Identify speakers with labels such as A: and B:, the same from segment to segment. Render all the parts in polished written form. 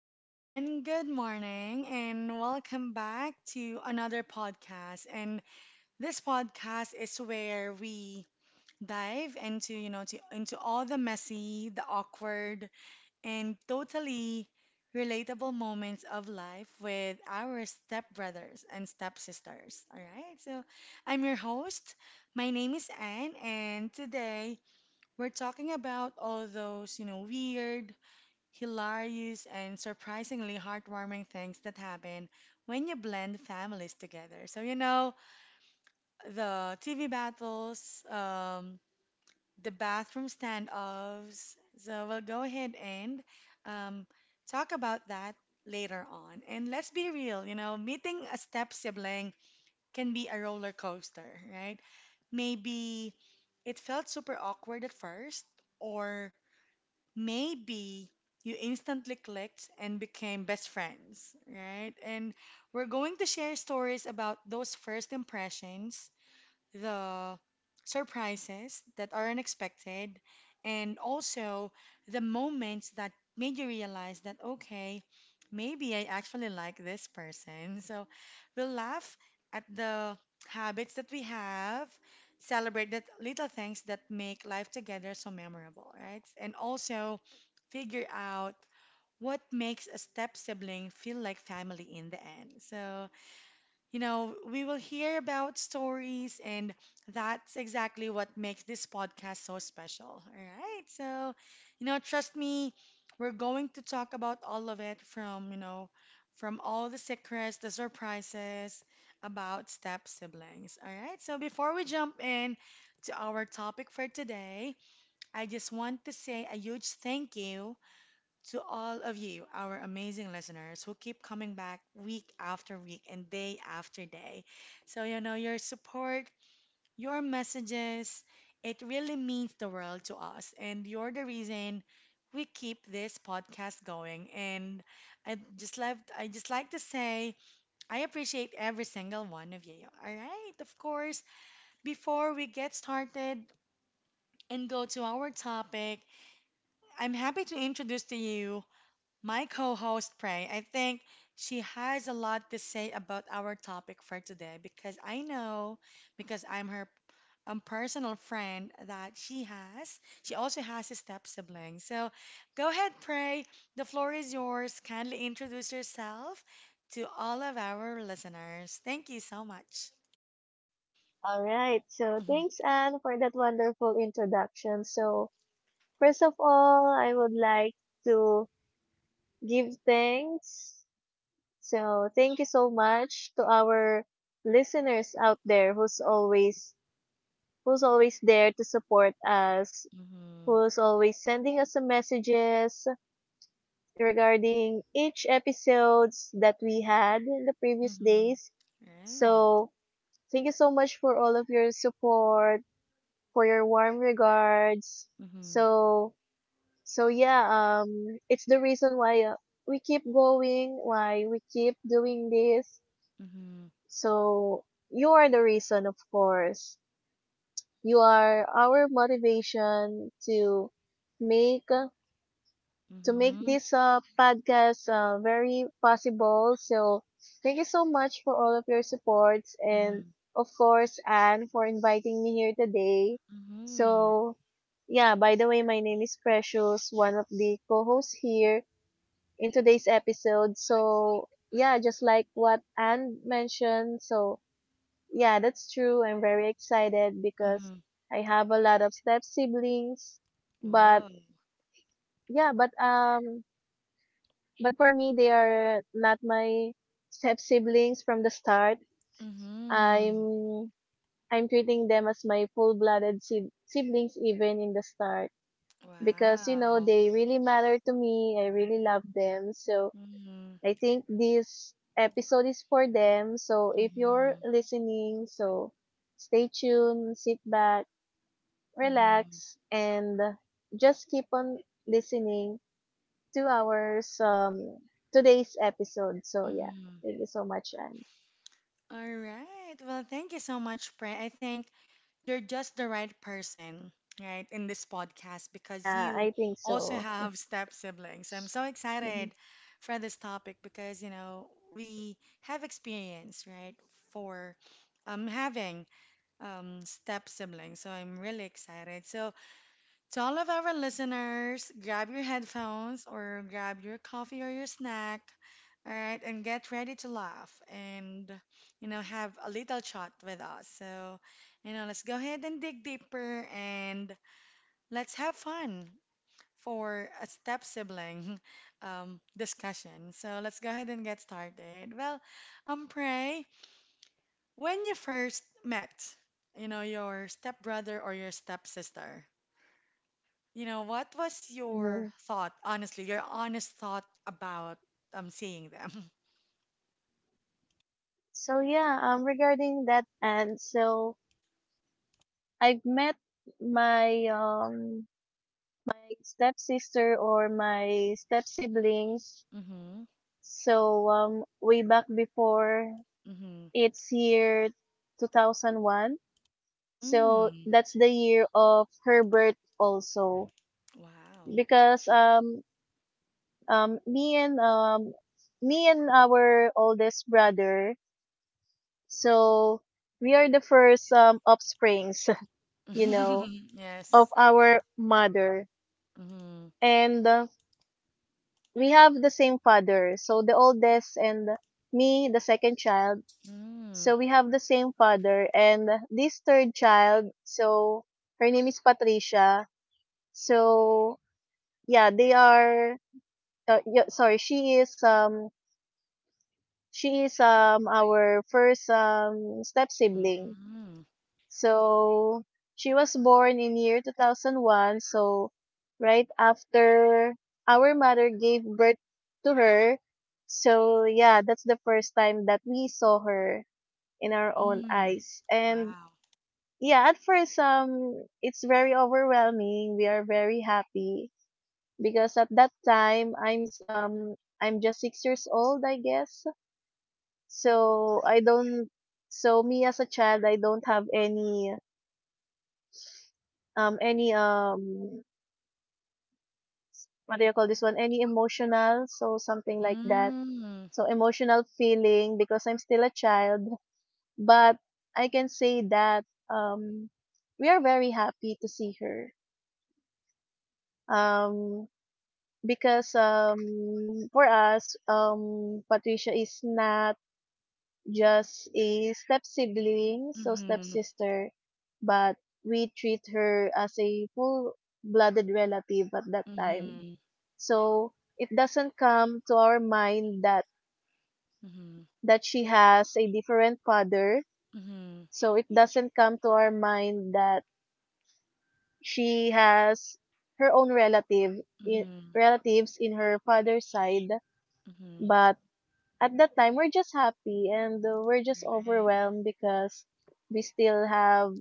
A: everyone, good morning and welcome back to another podcast. And this podcast is where we dive into, you know, to, into all the messy, the awkward, and totally relatable moments of life with our stepbrothers and stepsisters. All right? So, I'm your host. My name is Anne, and today we're talking about all those, weird, hilarious, and surprisingly heartwarming things that happen when you blend families together. So, the TV battles, the bathroom standoffs. So, we'll go ahead and um, talk about that later on. And let's be real, meeting a step sibling can be a roller coaster, right? Maybe it felt super awkward at first, or maybe you instantly clicked and became best friends, right? And we're going to share stories about those first impressions, the surprises that are unexpected, and also the moments that made you realize that, okay, maybe I actually like this person. So we'll laugh at the habits that we have, celebrate the little things that make life together so memorable, right? And also figure out what makes a step sibling feel like family in the end. So we will hear about stories, and that's exactly what makes this podcast so special. All right. So, trust me, we're going to talk about all of it from, all the secrets, the surprises about step siblings. All right. So, before we jump in to our topic for today, I just want to say a huge thank you to all of you, our amazing listeners who keep coming back week after week and day after day. So, your support, your messages, it really means the world to us. And you're the reason we keep this podcast going. And I just like to say, I appreciate every single one of you. All right, of course, before we get started and go to our topic, I'm happy to introduce to you my co host, Prey. I think she has a lot to say about our topic for today because I'm her personal friend, that she has. She also has a step sibling. So go ahead, Prey. The floor is yours. Kindly introduce yourself to all of our listeners. Thank you so much.
B: All right. So
A: Mhm,
B: thanks, Anne, for that wonderful introduction. So first of all, I would like to give thanks. So thank you so much to our listeners out there who's always there to support us,
A: mhm,
B: who's always sending us some messages regarding each episodes that we had in the previous
A: mhm.
B: days.
A: Right.
B: So thank you so much for all of your support for your warm regards.
A: Mhm,
B: So, so, yeah, it's the reason why we keep going, why we keep doing this.
A: mhm,
B: So, you are the reason, of course. You are our motivation make to make
A: mhm,
B: this podcast very possible. So, thank you so much for all of your supports and,
A: mhm,
B: of course, Anne, for inviting me here today.
A: mhm,
B: So, yeah, by the way, my name is Precious, one of the co hosts here in today's episode. So, yeah, just like what Anne mentioned. So, yeah, that's true. I'm very excited because
A: mhm.
B: I have a lot of step siblings. But,
A: Whoa.
B: yeah, but, um, but, for me, they are not my step siblings from the start.
A: Mhm.
B: I'm I'm treating them as my full-blooded siblings even in the start because
A: Wow.
B: they really matter to me. I really love them. So
A: Mhm.
B: I think this episode is for them. So if you're
A: Mhm.
B: listening, so stay tuned, sit back,
A: Mhm.
B: relax, and just keep on listening 2 hours, today's episode. So yeah,
A: Mhm.
B: thank you so much, and
A: All right. Well, thank you so much, Pray. I think you're just the right person, right, in this podcast because
B: yeah,
A: you
B: I think
A: also
B: so.
A: have step siblings. I'm so
B: Hmm.
A: excited for this topic because, we have experience, right, for having step siblings. So I'm really excited. So, to all of our listeners, grab your headphones or grab your coffee or your snack, all right, and get ready to laugh and, have a little chat with us. So, let's go ahead and dig deeper and let's have fun for a step sibling discussion. So, let's go ahead and get started. Well, Pray, when you first met, your stepbrother or your stepsister, what was
B: Hmm.
A: your thought, honestly, your honest thought about seeing them?
B: So yeah, regarding that, and so I've met my um my stepsister or my step siblings.
A: Mm-hmm.
B: So way back before
A: Mm-hmm.
B: it's year 2001. So
A: Mm.
B: that's the year of her birth also,
A: Wow.
B: because um me and um me and our oldest brother, so we are the first offsprings you know of
A: Yes.
B: our mother,
A: Mm-hmm.
B: and we have the same father, so the oldest and me, the second child,
A: Mm.
B: so we have the same father, and this third child, so her name is Patricia. So yeah, sorry, she is our first step sibling.
A: Mm.
B: So she was born in year 2001, so right after our mother gave birth to her. So yeah, that's the first time that we saw her in our own
A: Mm.
B: eyes. And
A: Wow.
B: yeah, at first it's very overwhelming. We are very happy because at that time I'm just 6 years old, I guess. So I don't so me as a child, I don't have any um any um what do you call this one? Any emotional, so something like that.
A: Mm.
B: So emotional feeling because I'm still a child. But I can say that we are very happy to see her. Um because for us, Patricia is not just a step sibling, so
A: Mm-hmm.
B: stepsister, but we treat her as a full blooded relative at that time.
A: Mm-hmm.
B: So it doesn't come to our mind that
A: Mm-hmm.
B: that she has a different father.
A: Mm-hmm.
B: So it doesn't come to our mind that she has her own relative in,
A: Mm-hmm.
B: relatives in her father's side,
A: Mm-hmm.
B: but at that time we're just happy, and we're just
A: Right.
B: overwhelmed because we still have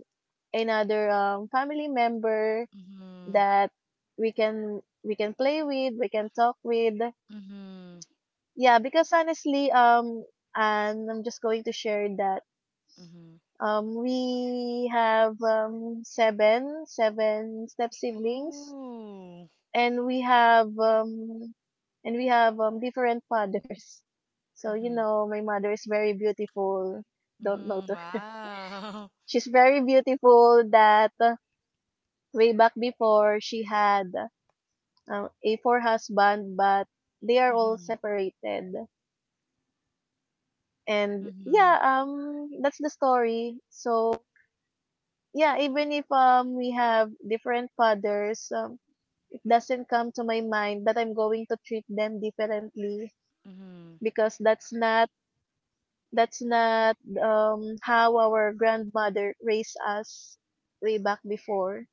B: another, family member
A: Mm-hmm.
B: that we can play with, we can talk with.
A: Mm-hmm.
B: Yeah, because honestly, and I'm just going to share that
A: Mm-hmm.
B: we have seven step siblings,
A: Whoa.
B: and we have different fathers. So
A: Mm-hmm.
B: my mother is very beautiful. Don't know
A: Mm-hmm.
B: to.
A: Wow.
B: She's very beautiful. That Way back before, she had a four husband, but they are all
A: Mhm.
B: separated. And yeah,
A: Mhm.
B: that's the story. So yeah, even if we have different fathers, it doesn't come to my mind that I'm going to treat them differently
A: Mhm.
B: because that's not how our grandmother raised us way back before.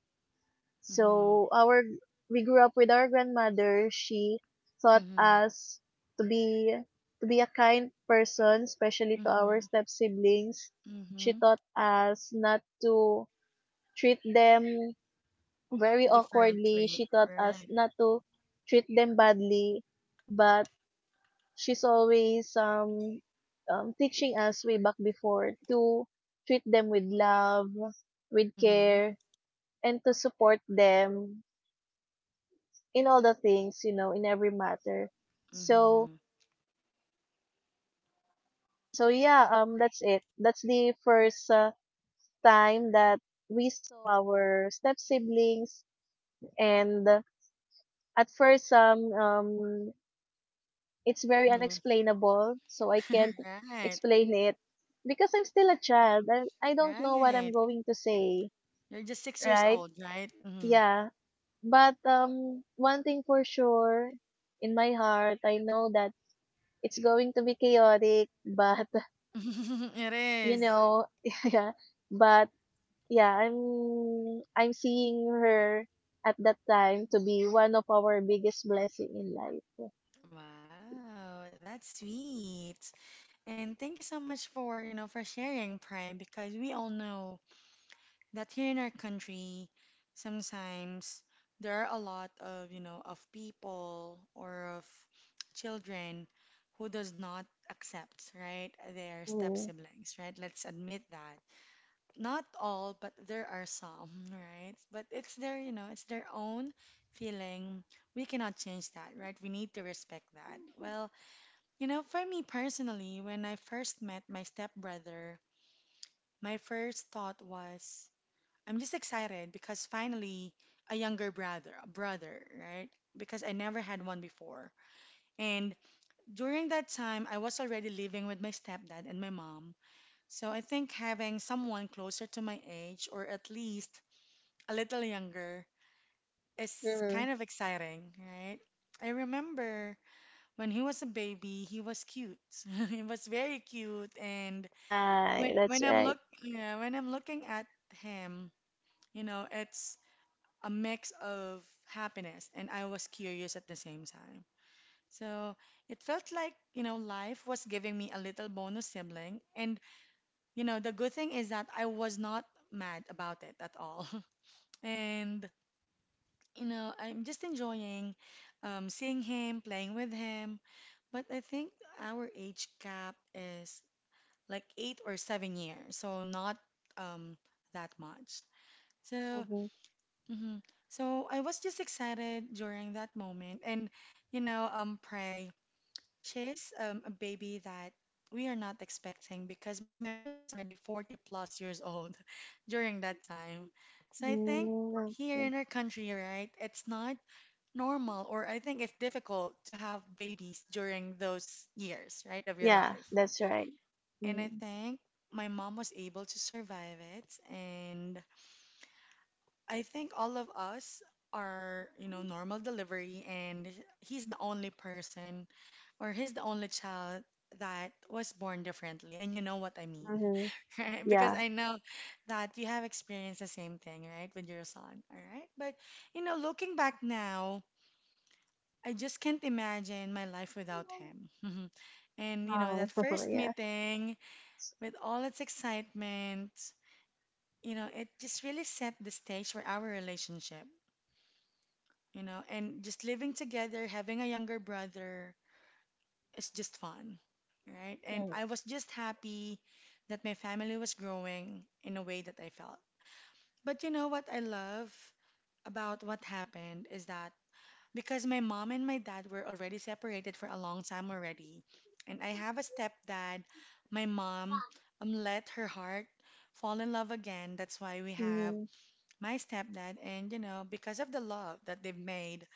A: Mhm.
B: So our We grew up with our grandmother. She taught
A: Mhm.
B: us to be to be a kind person, especially to our
A: Mhm.
B: step siblings. She
A: Mhm.
B: taught us not to treat them very awkwardly.
A: Differently,
B: She taught us
A: right?
B: not to treat them badly, but she's always, teaching us way back before, to treat them with love, with
A: Mhm.
B: care, and to support them in all the things, in every matter. So,
A: Mhm.
B: so, yeah, that's it. That's the first time that we saw our step siblings, and at first, it's very
A: Mhm.
B: unexplainable. So I can't
A: Right.
B: explain it because I'm still a child. I don't know what I'm
A: Right.
B: going to say,
A: You're just 6 years
B: right?
A: old, right? Mhm.
B: Yeah, but one thing for sure, in my heart, I know that it's going to be chaotic, but
A: It
B: you
A: is.
B: know yeah, but yeah, I'm seeing her at that time to be one of our biggest blessing in life.
A: Wow, that's sweet. And thank you so much for sharing, Prime, because we all know that here in our country, sometimes there are a lot of people or of children who does not accept, right, their step
B: Mm.
A: siblings, right? Let's admit that. Not all, but there are some, right? But it's their own feeling. We cannot change that, right? We need to respect that. Well, for me personally, when I first met my stepbrother, my first thought was, I'm just excited because finally a younger brother, a brother, right? Because I never had one before. And during that time, I was already living with my stepdad and my mom. So I think having someone closer to my age or at least a little younger is
B: Mm.
A: kind of exciting, right? I remember when he was a baby, he was cute. He was very cute, and
B: Yeah,
A: when
B: that's
A: when I'm
B: right.
A: look yeah, when I'm looking at him, it's a mix of happiness, and I was curious at the same time. So it felt like, life was giving me a little bonus sibling. And, the good thing is that I was not mad about it at all. And, I'm just enjoying seeing him, playing with him. But I think our age gap is like 8 or 7 years. So not um, that much. So
B: mm-hmm.
A: hmm So I was just excited during that moment. And, Prey, she's a baby that we are not expecting because my mom is already 40 plus years old during that time. So I think
B: Mm,
A: here
B: okay.
A: in our country, right, it's not normal, or I think it's difficult to have babies during those years, right, of your
B: Yeah,
A: life.
B: that's right.
A: And I
B: Mm.
A: think my mom was able to survive it, and I think all of us are, normal delivery, and he's the only person or he's the only child that was born differently. And you know what I mean,
B: mm-hmm.
A: right? Because
B: Yeah.
A: I know that you have experienced the same thing, right, with your son, all right? But, looking back now, I just can't imagine my life without him. And,
B: Oh.
A: that first
B: Yeah.
A: meeting with all its excitement, it just really set the stage for our relationship. And just living together, having a younger brother is just fun, right? And I was just happy that my family was growing in a way that I felt. But you know what I love about what happened is that because my mom and my dad were already separated for a long time already, and I have a stepdad, my mom let her heart fall in love again. That's why we have
B: mm-hmm.
A: my stepdad, and because of the love that they've made,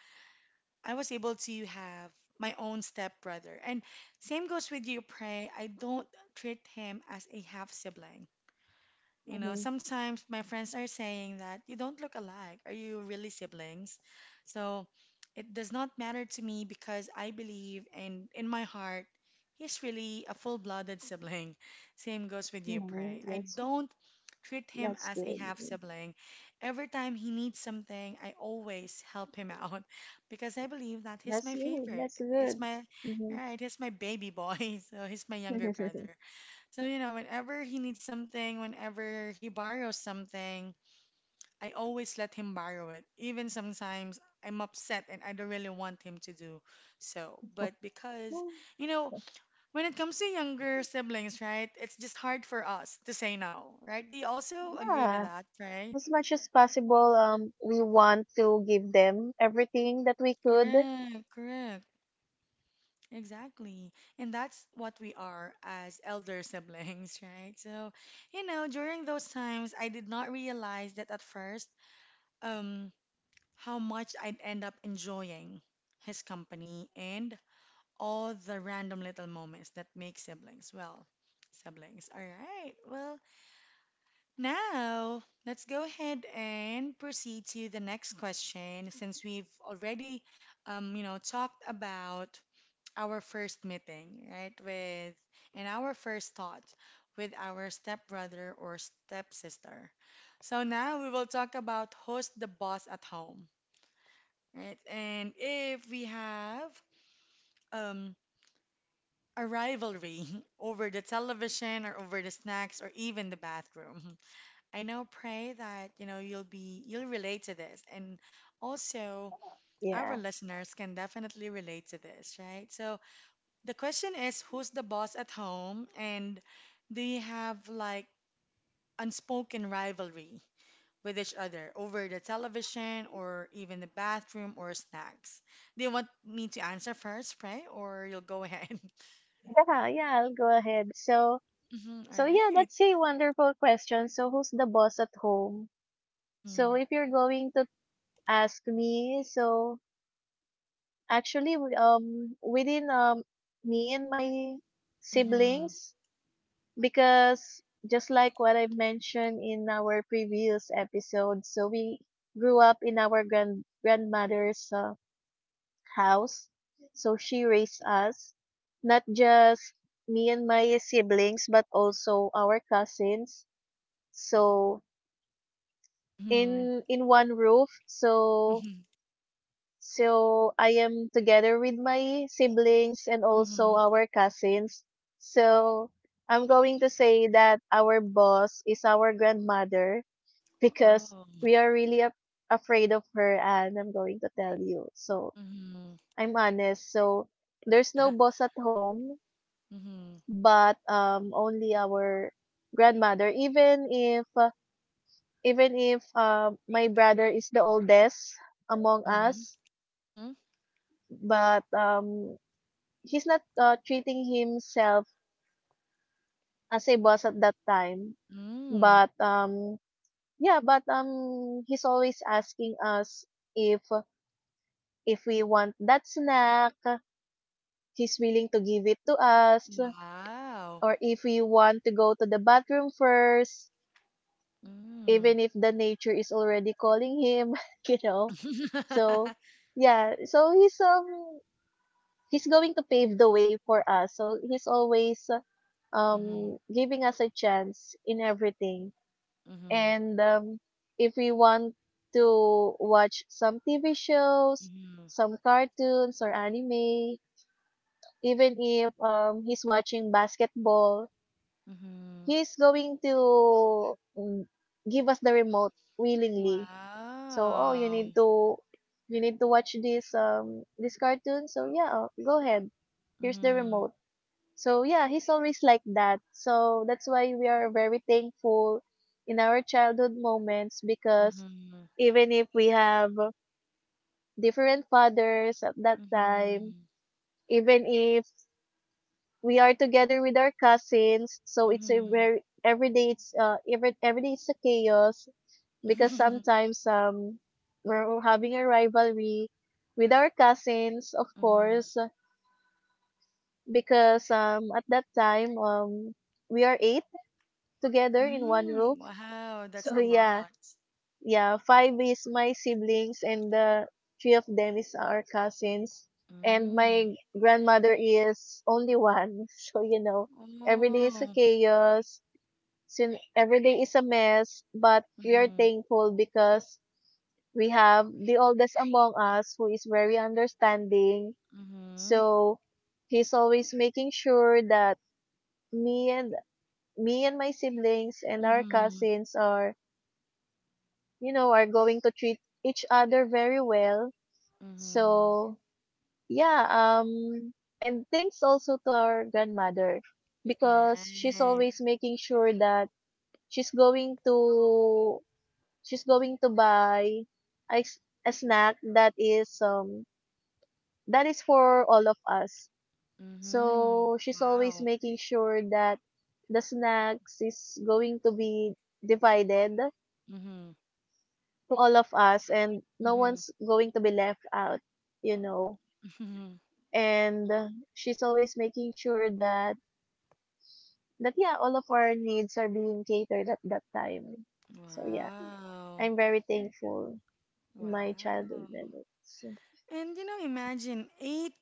A: I was able to have my own stepbrother. And same goes with you, Pray. I don't treat him as a half sibling. You know,
B: Mm-hmm.
A: sometimes my friends are saying that you don't look alike. Are you really siblings? So it does not matter to me because I believe, and in my heart, he's really a full-blooded sibling. Same goes with you, Prey.
B: Mm-hmm.
A: I don't treat him
B: That's
A: as a
B: good.
A: half sibling. Every time he needs something, I always help him out because I believe that he's
B: That's
A: my
B: good.
A: favorite.
B: That's
A: It's
B: good.
A: my,
B: Mhm.
A: right, he's my baby boy. So he's my younger brother. So, whenever he needs something, whenever he borrows something, I always let him borrow it. Even sometimes I'm upset and I don't really want him to do so. But because, you know, when it comes to younger siblings, right, it's just hard for us to say no, right? Do you also agree with
B: Yeah,
A: that, right?
B: as much as possible, we want to give them everything that we could.
A: Correct, correct. Exactly. And that's what we are as elder siblings, right? So, during those times, I did not realize that at first, um, how much I'd end up enjoying his company and all the random little moments that make siblings, well, siblings. All right. Well, now let's go ahead and proceed to the next question since we've already, talked about our first meeting, right, with and our first thought with our stepbrother or stepsister. So now we will talk about who's the boss at home. Right? And if we have um, a rivalry over the television or over the snacks or even the bathroom, I now pray that you know you'll relate to this, and also our
B: Yeah,
A: listeners can definitely relate to this, right? So the question is, who's the boss at home, and do you have like unspoken rivalry with each other over the television or even the bathroom or snacks? Do you want me to answer first, Pray, or you'll go ahead?
B: yeah, yeah. I'll go ahead. So,
A: Mm-hmm, all
B: so yeah,
A: right.
B: that's a wonderful question. So, who's the boss at home? So,
A: Mm-hmm,
B: if you're going to ask me, so actually, within, me and my
A: mm-hmm,
B: siblings, because just like what I mentioned in our previous episode, so we grew up in our grandmother's house. So she raised us, not just me and my siblings, but also our cousins. So
A: mm-hmm,
B: in one roof. So
A: mm-hmm,
B: So I am together with my siblings and also
A: mm-hmm.
B: our cousins. So I'm going to say that our boss is our grandmother, because
A: Oh.
B: we are really afraid of her, and I'm going to tell you. So
A: Mm-hmm.
B: I'm honest. So there's no boss at home,
A: Mm-hmm.
B: but only our grandmother. Even if my brother is the oldest among
A: Mm-hmm.
B: us,
A: Mm-hmm.
B: but he's not treating himself as a boss at that time,
A: Mm.
B: but he's always asking us, if if we want that snack, he's willing to give it to us,
A: Wow.
B: or if we want to go to the bathroom first,
A: Mm.
B: even if the nature is already calling him. you know so yeah, so he's, he's going to pave the way for us, so he's always
A: Mm-hmm.
B: giving us a chance in everything.
A: Mm-hmm.
B: And if we want to watch some TV shows,
A: Mm-hmm.
B: some cartoons or anime, even if, he's watching basketball,
A: Mm-hmm.
B: he's going to, give us the remote willingly. So, oh, you
A: Wow.
B: need to, watch this, this cartoon. So yeah, oh, go ahead. Here's the
A: Mm-hmm.
B: remote. So yeah, he's always like that. So that's why we are very thankful in our childhood moments, because
A: Mm-hmm.
B: even if we have different fathers at that time,
A: Mm-hmm.
B: even if we are together with our cousins, so it's a
A: Mm-hmm.
B: very every day it's a chaos, because sometimes we're having a rivalry with our cousins, of
A: Mm-hmm.
B: course, because at that time we are eight together in one
A: Mm,
B: roof.
A: wow, that's
B: So,
A: a
B: yeah,
A: lot.
B: yeah, five is my siblings and the three of them is our cousins. And
A: Mm.
B: my grandmother is only one. So, every day is a
A: Oh.
B: chaos. Sin every day is a mess, but we are
A: Mm-hmm.
B: thankful because we have the oldest among us, who is very understanding.
A: Mm-hmm.
B: So he's always making sure that me and me and my siblings and our
A: Mm-hmm.
B: cousins are, are going to treat each other very well.
A: Mm-hmm.
B: So, yeah, and thanks also to our grandmother, because she's
A: Right.
B: always making sure that she's going to she's going to buy a, s- a snack that is, that is for all of us.
A: Mm-hmm.
B: So she's always
A: Wow.
B: making sure that the snacks is going to be divided
A: Mm-hmm.
B: all of us and no
A: Mm-hmm.
B: one's going to be left out, you know
A: Mm-hmm.
B: and she's always making sure that all of our needs are being catered at that time. So yeah,
A: Wow.
B: I'm very thankful in my
A: Wow.
B: childhood memories.
A: And imagine eight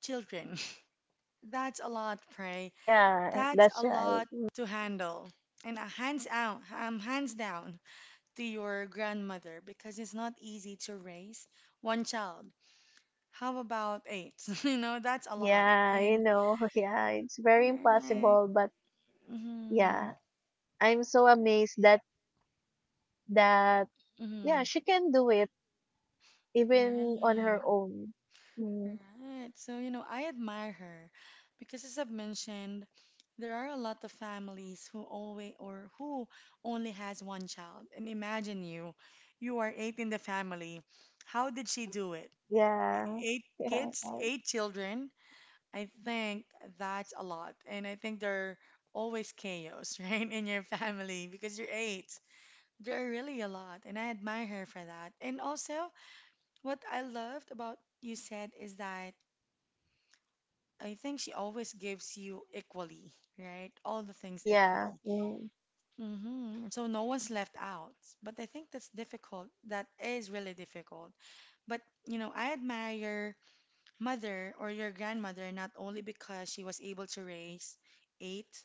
A: children. That's a lot, Pray.
B: Yeah,
A: That's
B: that's
A: a
B: right.
A: lot to handle. And hands down to your grandmother because it's not easy to raise one child. How about eight? You know, that's a lot.
B: Yeah,
A: And
B: yeah, it's very
A: right. Mm-hmm.
B: impossible, but yeah, I'm so amazed that, that
A: Mm-hmm.
B: yeah, she can do it even on her
A: Right.
B: own. Mm.
A: Right. So, you know, I admire her because as I've mentioned, there are a lot of families who always or who only has one child. And imagine you, you are eight in the family. How did she do it?
B: Yeah.
A: Eight
B: Yeah.
A: kids, eight children. I think that's a lot. And I think there are always chaos, right, in your family because you're eight. There are really a lot. And I admire her for that. And also, what I loved about you said is that I think she always gives you equally, right? All the things
B: Yeah,
A: equally.
B: mm,
A: Hmm. So no one's left out. But I think that's difficult. That is really difficult. But, you know, I admire mother or your grandmother not only because she was able to raise eight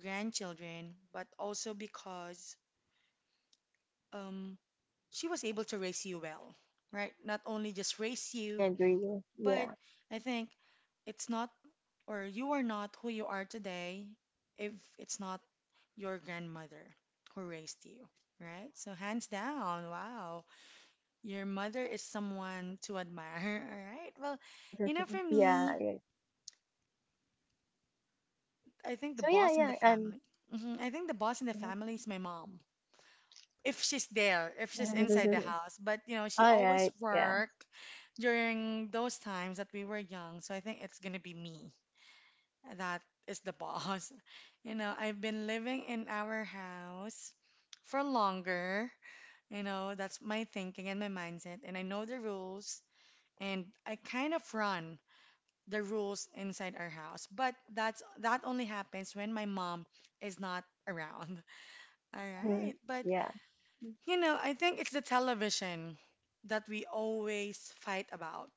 A: grandchildren, but also because um, she was able to raise you well, right? Not only just raise
B: I
A: you,
B: agree.
A: but
B: Yeah.
A: I think it's not, or you are not who you are today if it's not your grandmother who raised you, right? So, hands down, wow, your mother is someone to admire, all right? Well, you know, for me,
B: Yeah, yeah.
A: I think the
B: So yeah,
A: boss in the
B: yeah, and
A: family. Hmm. I think the boss in the family is my mom. If she's there, if she's inside the house, but you know, she
B: all
A: always
B: right, yeah,
A: worked during those times that we were young. So I think it's gonna be me that is the boss. You know, I've been living in our house for longer. You know, that's my thinking and my mindset, and I know the rules, and I kind of run the rules inside our house. But that only happens when my mom is not around. All right.
B: mm,
A: But
B: yeah,
A: you know, I think it's the television that we always fight about.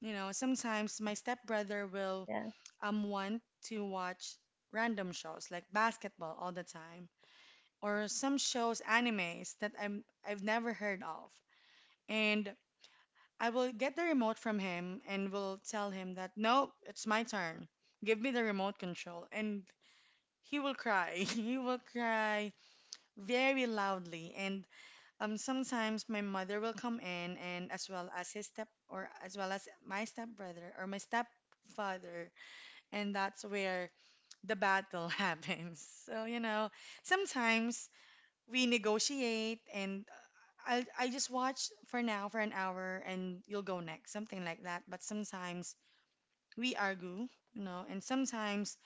A: You know, sometimes my stepbrother will
B: yeah,
A: want to watch random shows like basketball all the time or some shows animes that I've never heard of. And I will get the remote from him and will tell him that, no, it's my turn. Give me the remote control. And he will cry. He will cry very loudly. And sometimes my mother will come in and as well as his step or as well as my stepbrother or my stepfather. And that's where the battle happens. So, you know, sometimes we negotiate, and I just watch for now for an hour and you'll go next, something like that. But sometimes we argue, you know, and sometimes,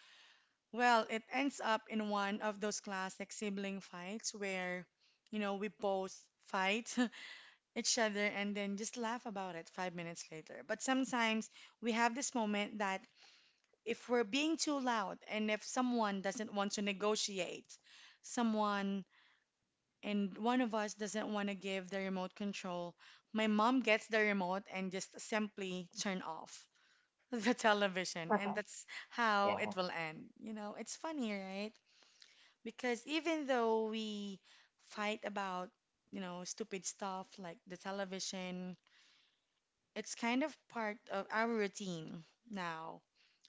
A: well, it ends up in one of those classic sibling fights where, you know, we both fight each other and then just laugh about it 5 minutes later. But sometimes we have this moment that if we're being too loud and if someone doesn't want to negotiate, someone and one of us doesn't want to give the remote control, my mom gets the remote and just simply turn off the television.
B: okay,
A: And that's how it
B: yeah,
A: will end. You know, it's funny, right? Because even though we fight about, you know, stupid stuff like the television, it's kind of part of our routine now.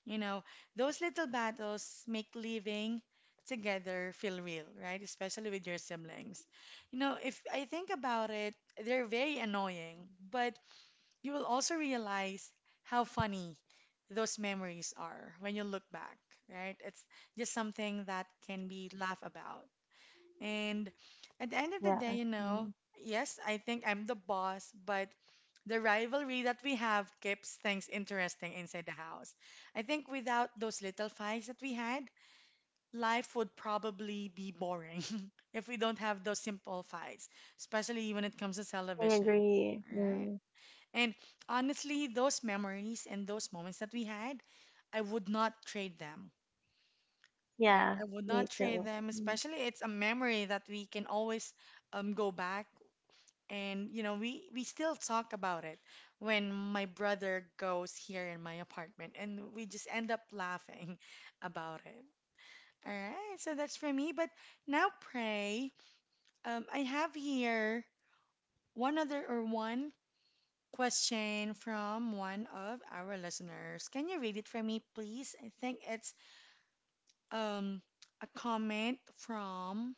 A: You know, those little battles make living together feel real, right? Especially with your siblings. You know, if I think about it, they're very annoying, but you will also realize how funny those memories are when you look back, right? It's just something that can be laughed about. And at the end of
B: yeah.
A: the day, you
B: Mm,
A: know, yes, I think I'm the boss, but the rivalry that we have keeps things interesting inside the house. I think without those little fights that we had, life would probably be boring if we don't have those simple fights, especially when it comes to
B: I
A: television.
B: agree.
A: All
B: Mm,
A: right. And honestly, those memories and those moments that we had, I would not trade them. Right.
B: yeah,
A: I would
B: me
A: not trade
B: too.
A: them,
B: Mm.
A: especially it's a memory that we can always go back and you know we still talk about it when my brother goes here in my apartment and we just end up laughing about it. All right. So that's for me, but now pray. I have here one other or one question from one of our listeners. Can you read it for me, please? I think it's um a comment from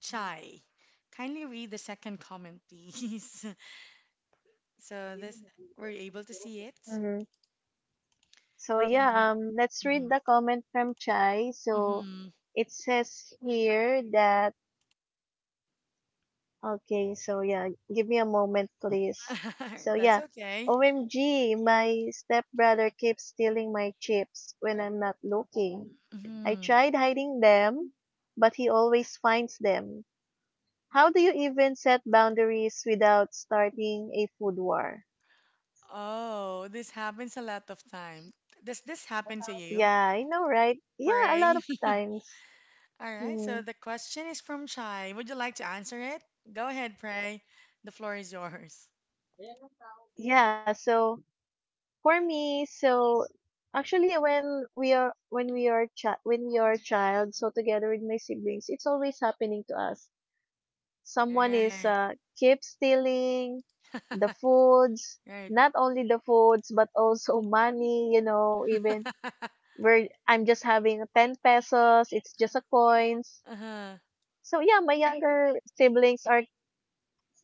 A: Chai, kindly read the second comment, please. So this, were you able to see it?
B: Hmm. So
A: Can you?
B: yeah, let's read
A: Mm-hmm.
B: the comment from Chai. So
A: Mm-hmm.
B: it says here that, okay, so yeah, give me a moment, please. So
A: That's
B: yeah,
A: okay.
B: OMG, my stepbrother keeps stealing my chips when I'm not looking. I
A: Hmm.
B: tried hiding them, but he always finds them. How do you even set boundaries without starting a food war?
A: Oh, this happens a lot of time. Does this happen to you?
B: Yeah, I know, right? Yeah, a lot
A: Pray.
B: of times.
A: All right, so
B: Mm.
A: the question is from Chai. Would you like to answer it? Go ahead, Pray. The floor is yours.
B: Yeah, so for me, actually when we are chi- when we are a child, so together with my siblings, it's always happening to us. Someone is
A: Right.
B: keep stealing the foods,
A: Right.
B: not only the foods but also money, even where I'm just having 10 pesos. It's just a coins.
A: Uh-huh.
B: So yeah, my younger siblings are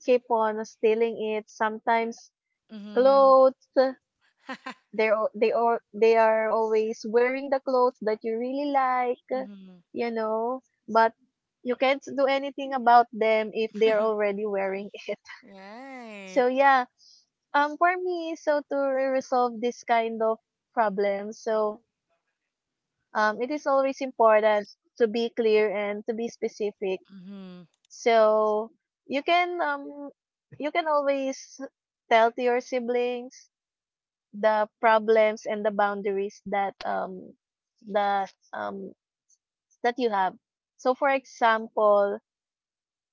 B: keep on stealing it, sometimes
A: Mm-hmm.
B: clothes. They are always wearing the clothes that you really like
A: Mm-hmm.
B: you know but you can't do anything about them if they're already wearing it. So
A: Right.
B: yeah, for me, so to resolve this kind of problem, so it is always important to be clear and to be specific.
A: Mm-hmm.
B: So you can, always tell to your siblings the problems and the boundaries that um that you have. So for example,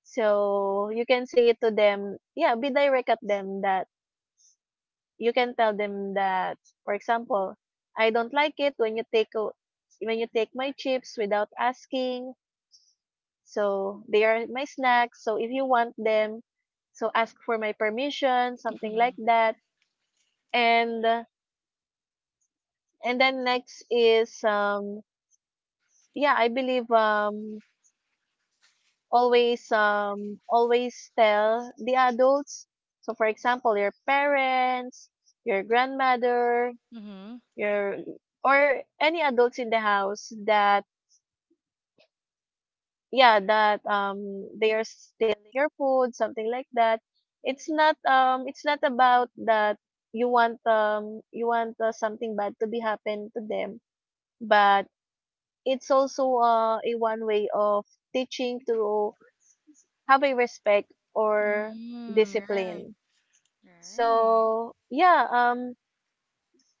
B: so you can say it to them, yeah, be direct at them that you can tell them that, for example, I don't like it when you take my chips without asking. So they are my snacks, so if you want them, so ask for my permission, something
A: Mm-hmm.
B: like that. And and then next is, yeah, I believe, always, always tell the adults. So for example, your parents, your grandmother,
A: Mm-hmm.
B: your or any adults in the house, that, yeah, that they are stealing your food, something like that. It's not about that you want, you want something bad to be happen to them, but it's also a one way of teaching to have a respect or
A: Mm, right.
B: discipline.
A: Right.
B: So, yeah,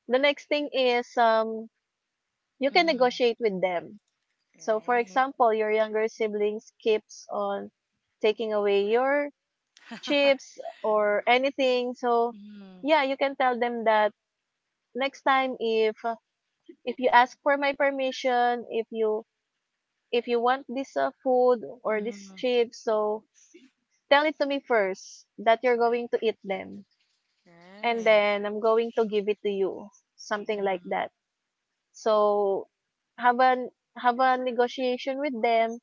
B: the next thing is, you can
A: Mm-hmm.
B: negotiate with them. So, for
A: Right.
B: example, your younger siblings keeps on taking away your chips or anything. So,
A: Mm-hmm.
B: yeah, you can tell them that next time, if you ask for my permission, if you want this food or
A: Mm-hmm.
B: this chips, so tell it to me first that you're going to eat them, and
A: Right.
B: then I'm going to give it to you, something like
A: Mm-hmm.
B: that. So have a have a negotiation with them.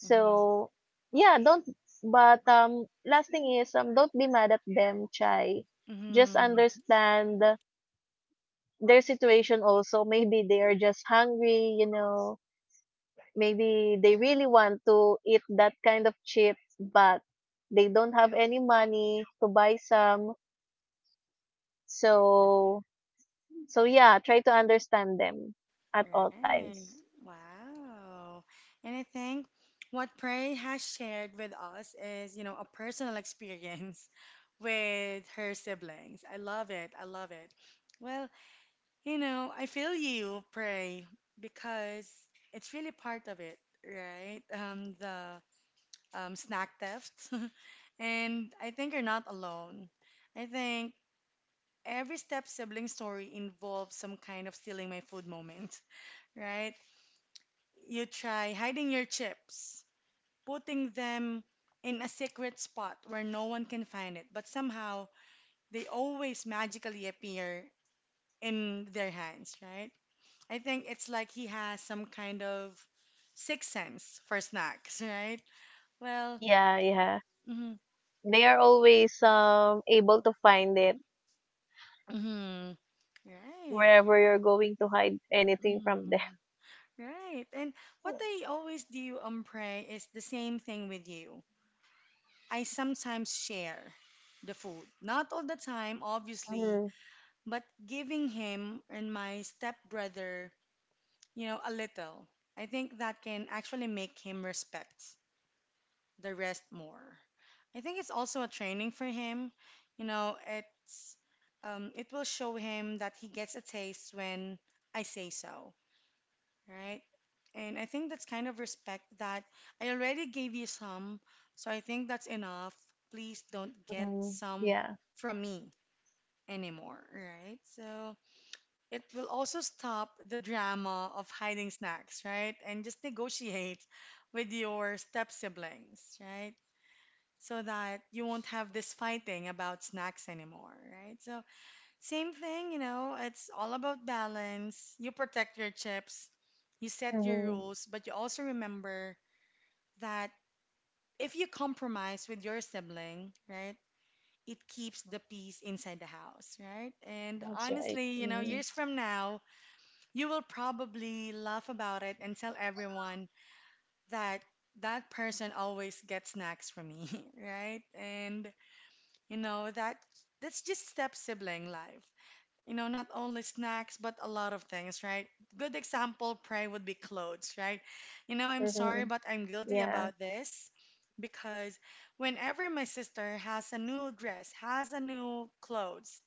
A: Mm-hmm.
B: yeah, don't but last thing is, don't be mad at them, Chai. Just
A: Mm-hmm.
B: understand their situation also. Maybe they are just hungry. Maybe they really want to eat that kind of chip, but they don't have any money to buy some. So yeah, try to understand them at all
A: Right.
B: times.
A: Wow. And I think what Prey has shared with us is, you know, a personal experience with her siblings. I love it. I love it. Well, you know, I feel you, pray, because it's really part of it, right? The snack theft. And I think you're not alone. I think every step sibling story involves some kind of stealing my food moment, right? You try hiding your chips, putting them in a secret spot where no one can find it, but somehow they always magically appear in their hands, right? I think it's like he has some kind of sixth sense for snacks, right? Well,
B: Yeah, yeah.
A: mhm,
B: They are always able to find it
A: mhm, right.
B: wherever you're going to hide anything from them.
A: Mhm. Right. And what I always do, pray is the same thing with you. I sometimes share the food. Not all the time, obviously,
B: Mm-hmm.
A: but giving him and my stepbrother, you know, a little. I think that can actually make him respect the rest more. I think it's also a training for him. You know, it's it will show him that he gets a taste when I say so, right? And I think that's kind of respect that I already gave you some, so I think that's enough. Please don't get
B: Mm-hmm.
A: some
B: Yeah.
A: from me anymore, right? So it will also stop the drama of hiding snacks, right? And just negotiate with your step siblings, right? So that you won't have this fighting about snacks anymore, right? So, same thing, you know, it's all about balance. You protect your chips, you set your
B: Mm-hmm.
A: rules, but you also remember that if you compromise with your sibling, right, it keeps the peace inside the house, right? And
B: That's right.
A: honestly, you know,
B: Mm-hmm.
A: years from now, you will probably laugh about it and tell everyone that that person always gets snacks from me, right? And you know, that's just step sibling life. You know, not only snacks, but a lot of things, right? Good example, pray would be clothes, right? You know, I'm sorry,
B: Mm-hmm.
A: but I'm guilty
B: Yeah.
A: about this because whenever my sister has a new dress, has a new clothes,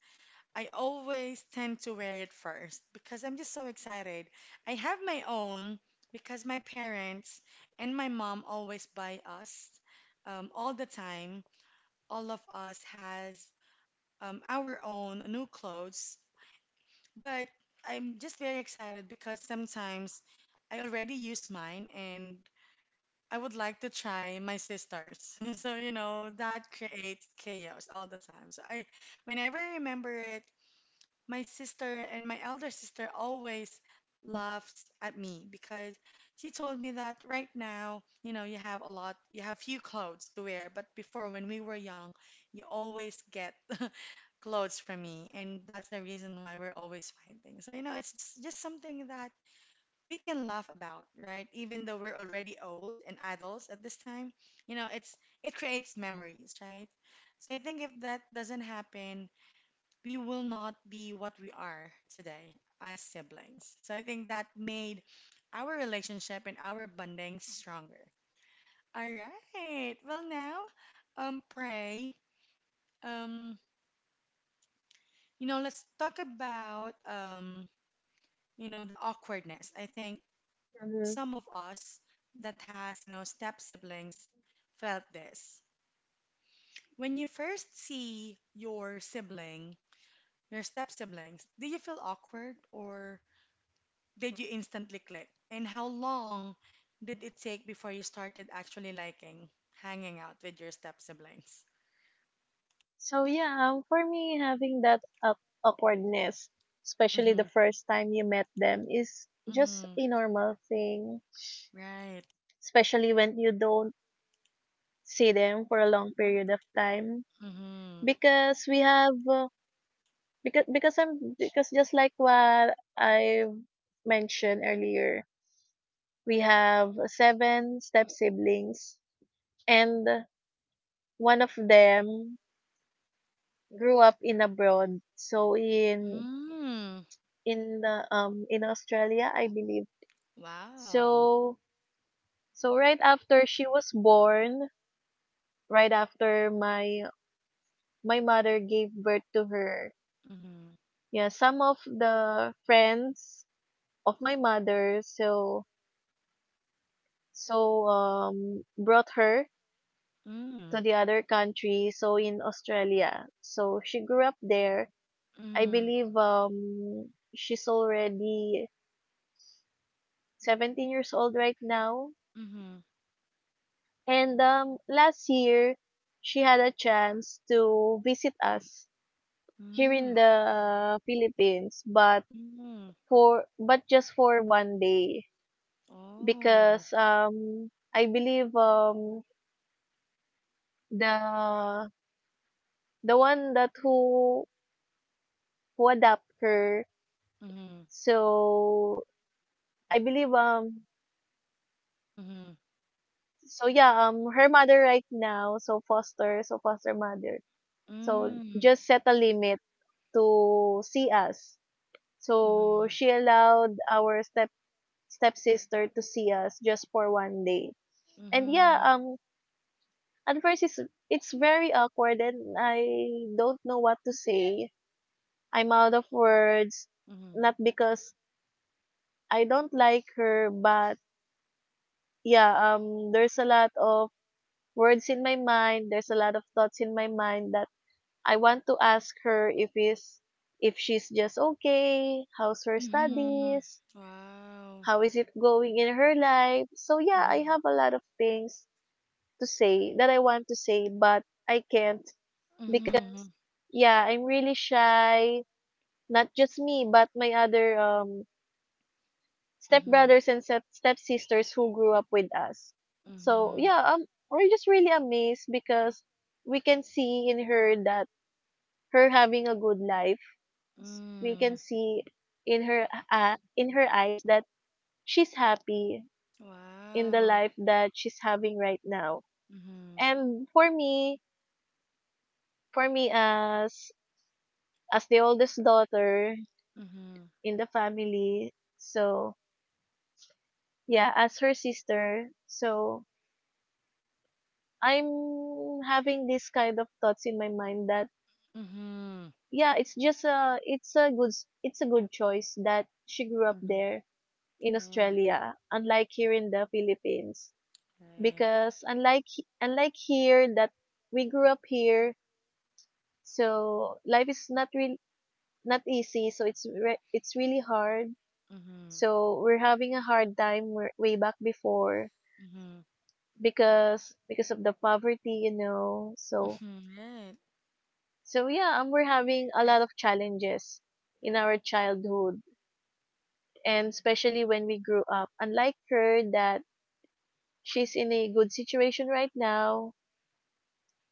A: I always tend to wear it first because I'm just so excited. I have my own because my parents and my mom always buy us all the time all of us has our own new clothes. But I'm just very excited because sometimes I already use mine and I would like to try my sister's. So, you know, that creates chaos all the time. So I, whenever I remember it, my sister and my elder sister always laughs at me because she told me that right now, you know, you have a lot, you have few clothes to wear, but before when we were young, you always get clothes from me, and that's the reason why we're always fighting. So, you know, it's just something that we can laugh about, right? Even though we're already old and adults at this time, you know, it creates memories, right? So I think if that doesn't happen, we will not be what we are today as siblings. So I think that made our relationship and our bonding stronger. All right. Well, now, pray. Um, you know, let's talk about you know, the awkwardness. I think
B: Mm-hmm.
A: some of us that has you know step siblings felt this. When you first see your sibling, your step siblings, do you feel awkward or did you instantly click? And how long did it take before you started actually liking hanging out with your step siblings?
B: So yeah, for me, having that awkwardness, especially the
A: Mm-hmm.
B: first time you met them, is just
A: Mm-hmm.
B: a normal thing.
A: Right.
B: Especially when you don't see them for a long period of time,
A: Mm-hmm.
B: because we have, because I'm because just like what I mentioned earlier, we have seven step siblings, and one of them grew up in abroad. So in
A: Mm.
B: in Australia, I believe.
A: Wow.
B: So right after she was born, right after my mother gave birth to her.
A: Mm-hmm.
B: Yeah, some of the friends of my mother, so brought her to
A: Mm.
B: the other country, so in Australia, so she grew up there. I
A: Mm.
B: believe, she's already 17 years old right now.
A: Mm-hmm.
B: And last year she had a chance to visit us here in
A: Mm. Wow.
B: the Philippines, but
A: Mm.
B: for but just for one day,
A: Oh.
B: because, I believe, the the one that who adopt her.
A: Mm-hmm.
B: So I believe,
A: Mm-hmm.
B: so yeah, her mother right now, so foster, mother. So
A: Mm.
B: just set a limit to see us. So
A: Mm-hmm.
B: she allowed our stepsister to see us just for one day. And yeah,
A: Mm-hmm.
B: at first it's very awkward, and I don't know what to say. I'm out of words,
A: Mm-hmm.
B: not because I don't like her, but yeah, there's a lot of words in my mind. There's a lot of thoughts in my mind that I want to ask her, if she's just okay, how's her
A: Mm-hmm.
B: studies,
A: Wow.
B: how is it going in her life. So yeah, I
A: Mm-hmm.
B: have a lot of things to say that I want to say, but I can't because,
A: Mm-hmm.
B: yeah, I'm really shy. Not just me, but my other
A: Mm-hmm.
B: stepbrothers and stepsisters who grew up with us. So
A: Mm-hmm.
B: yeah, we're just really amazed because we can see in her that her having a good life. We can
A: Mm.
B: see in her eyes that she's happy in the
A: Wow.
B: life that she's having right now.
A: Mm-hmm.
B: And for me, as the oldest daughter
A: Mm-hmm.
B: in the family, so yeah, as her sister, so I'm having this kind of thoughts in my mind that,
A: Mm-hmm.
B: yeah, it's just a, it's a good choice that she grew up
A: Mm-hmm.
B: there in
A: Right.
B: Australia, unlike here in the Philippines.
A: Right.
B: Because unlike unlike here, that we grew up here, so life is not easy. So it's really hard.
A: Mm-hmm.
B: So we're having a hard time, way back before,
A: Mm-hmm.
B: because of the poverty. So
A: Mm-hmm. Right.
B: Yeah, we're having a lot of challenges in our childhood, and especially when we grew up. Unlike her that she's in a good situation right now.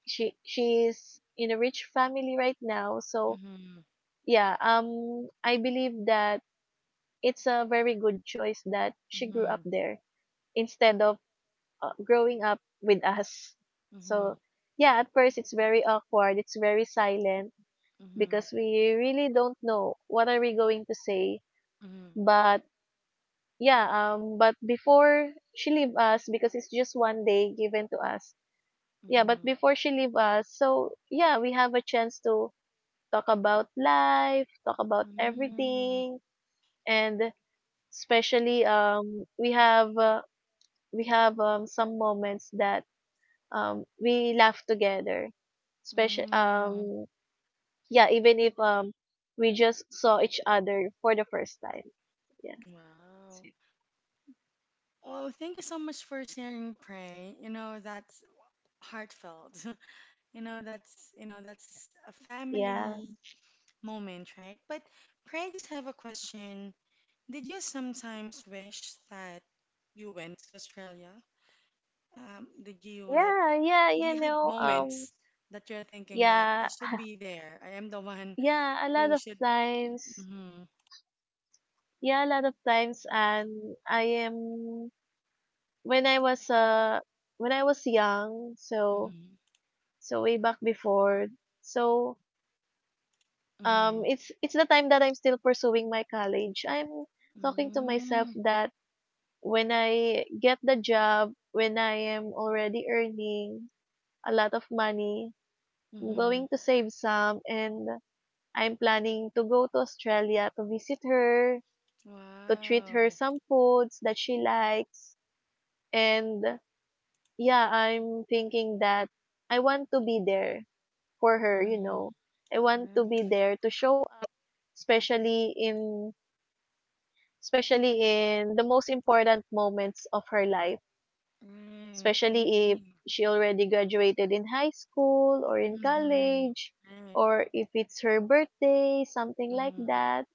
B: She's in a rich family right now. So
A: Mm-hmm.
B: yeah, I believe that it's a very good choice that she grew up
A: Mm-hmm.
B: there instead of, growing up with us.
A: Mm-hmm.
B: So yeah, at first it's very awkward, it's very silent,
A: Mm-hmm.
B: because we really don't know what are we going to say.
A: Mm-hmm.
B: But yeah, but before she leave us, because it's just one day given to us. Yeah, but before she leave us, so yeah, we have a chance to talk about life, talk about
A: Mm-hmm.
B: everything, and especially, we have some moments that, we laugh together. Special,
A: Mm-hmm.
B: yeah, even if, we just saw each other for the first time. Yeah,
A: Wow. Well, thank you so much for sharing Pray. You know, that's heartfelt. You know, that's a
B: yeah.
A: family moment, right? But Pray, I just have a question. Did you sometimes wish that you went to Australia? Um, did you like,
B: Yeah, yeah,
A: do you have moments that you're thinking that I
B: yeah,
A: should be there? I am the one
B: yeah, a lot
A: who
B: of
A: should.
B: times,
A: Mm-hmm,
B: yeah, a lot of times, and I am when I was, when I was young, so
A: mm-hmm,
B: way back before, so,
A: mm-hmm,
B: it's the time that I'm still pursuing my college. I'm talking to myself
A: mm-hmm,
B: that when I get the job, when I am already earning a lot of money, I'm
A: mm-hmm.
B: going to save some and I'm planning to go to Australia to visit her, to treat her
A: Wow.
B: some foods that she likes. And yeah, I'm thinking that I want to be there for her, you
A: Mm-hmm.
B: know. I want
A: Right,
B: to be there to show up, especially in especially in the most important moments of her life,
A: right. I
B: especially if
A: agree.
B: she already graduated in high school or in
A: Mm-hmm.
B: college,
A: Right.
B: or if it's her birthday, something like
A: Mm-hmm.
B: that.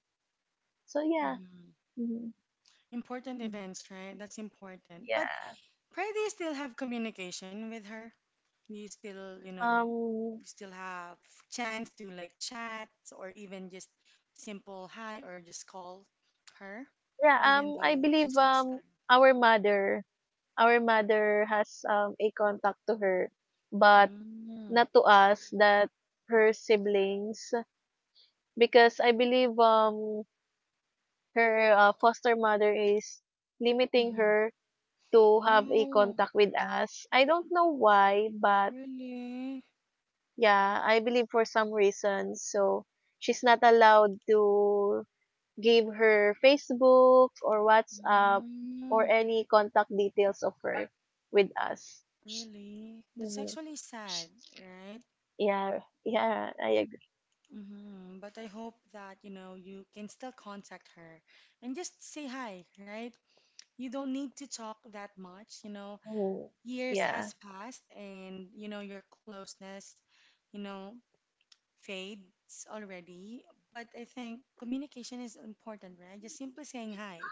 B: So yeah.
A: Mm-hmm.
B: Mhm.
A: Important events, right? That's important. But,
B: Yeah.
A: Pray, do you still have communication with her? you still you know
B: Um
A: you still have chance to like chat or even just simple hi or just call her
B: yeah,
A: even
B: I
A: though
B: believe,
A: she's in Australia.
B: our mother, our mother has a contact to her, but
A: Mm.
B: not to us, that her siblings, because I believe, her, foster mother is limiting
A: Mm-hmm.
B: her to have a
A: Oh,
B: contact with us. I don't know why, but
A: really?
B: yeah, I believe for some reason so she's not allowed to give her Facebook or WhatsApp or
A: Mm.
B: any contact details of her with us.
A: Really? That's
B: Mhm.
A: actually sad, right?
B: Yeah, yeah, I agree.
A: Hmm. But I hope that, you know, you can still contact her and just say hi, right? You don't need to talk that much.
B: Mm.
A: Years has
B: Yeah.
A: passed and your closeness you know fades already, but I think communication is important, right? Just simply saying hi,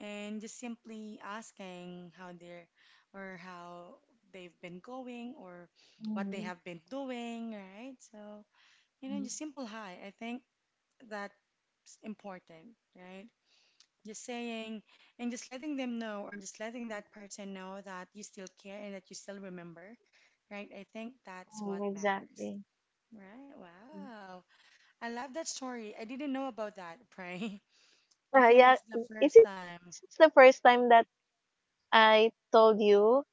A: and just simply asking how they're or how they've been going or what they
B: Mm,
A: have been doing, right? So,
B: mm,
A: just simple hi. I think that's important, right? Just saying, and just letting them know, or just letting that person know that you still care and that you still remember, right? I think that's
B: mm,
A: what matters,
B: exactly.
A: right?
B: Mm.
A: Wow. I love that story. I didn't know about that, Pray. I think
B: Yeah,
A: it's the
B: is
A: first
B: it
A: time.
B: it's the first time that I told you?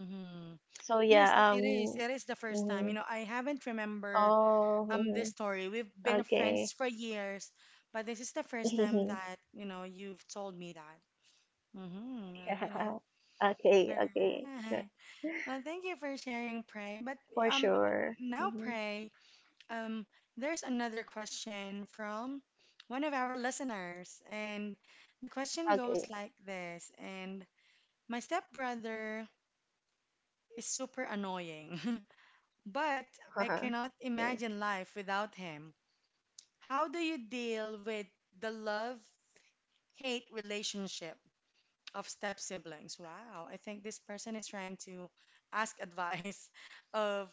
A: Hmm.
B: So
A: Yes, it,
B: yeah,
A: it is. It is the first time. You
B: mhm.
A: know, I haven't remember
B: Oh,
A: this
B: mhm.
A: story. We've been friends
B: Okay.
A: for years, but this is the first time that, you know, you've told me that. Mm-hmm. Well,
B: Yeah. Okay,
A: all
B: okay.
A: right.
B: Yeah,
A: Well, thank you for sharing, Pray. But
B: for
A: um,
B: sure.
A: now,
B: Mhm.
A: Pray, um, there's another question from one of our listeners, and the question goes
B: Okay.
A: like this. And my stepbrother is super annoying, but I
B: Uh-huh.
A: cannot
B: Okay.
A: imagine life without him. How do you deal with the love-hate relationship of step siblings? Wow. I think this person is trying to ask advice of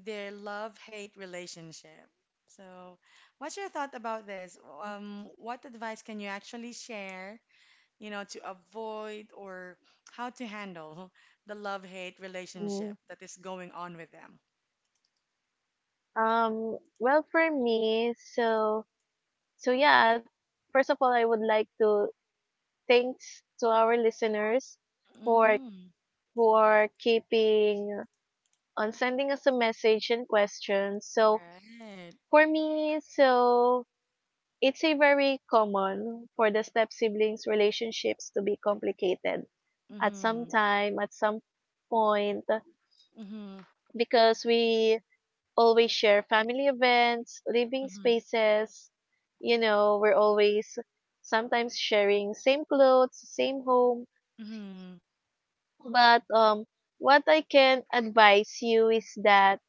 A: their love-hate relationship. So, what's your thought about this? What advice can you actually share, to avoid or how to handle the love-hate relationship
B: Mm.
A: that is going on with them?
B: Well, for me, so yeah. First of all, I would like to thanks to our listeners for
A: Mm-hmm.
B: for keeping on sending us a message and questions. So
A: Right.
B: for me, so it's a very common for the step siblings relationships to be complicated at some
A: Mm-hmm.
B: time, at some point,
A: Mm-hmm.
B: because we always share family events, living
A: Mm-hmm.
B: spaces. You know, we're always sometimes sharing same clothes, same home.
A: Mm-hmm.
B: But, what I can advise you is that,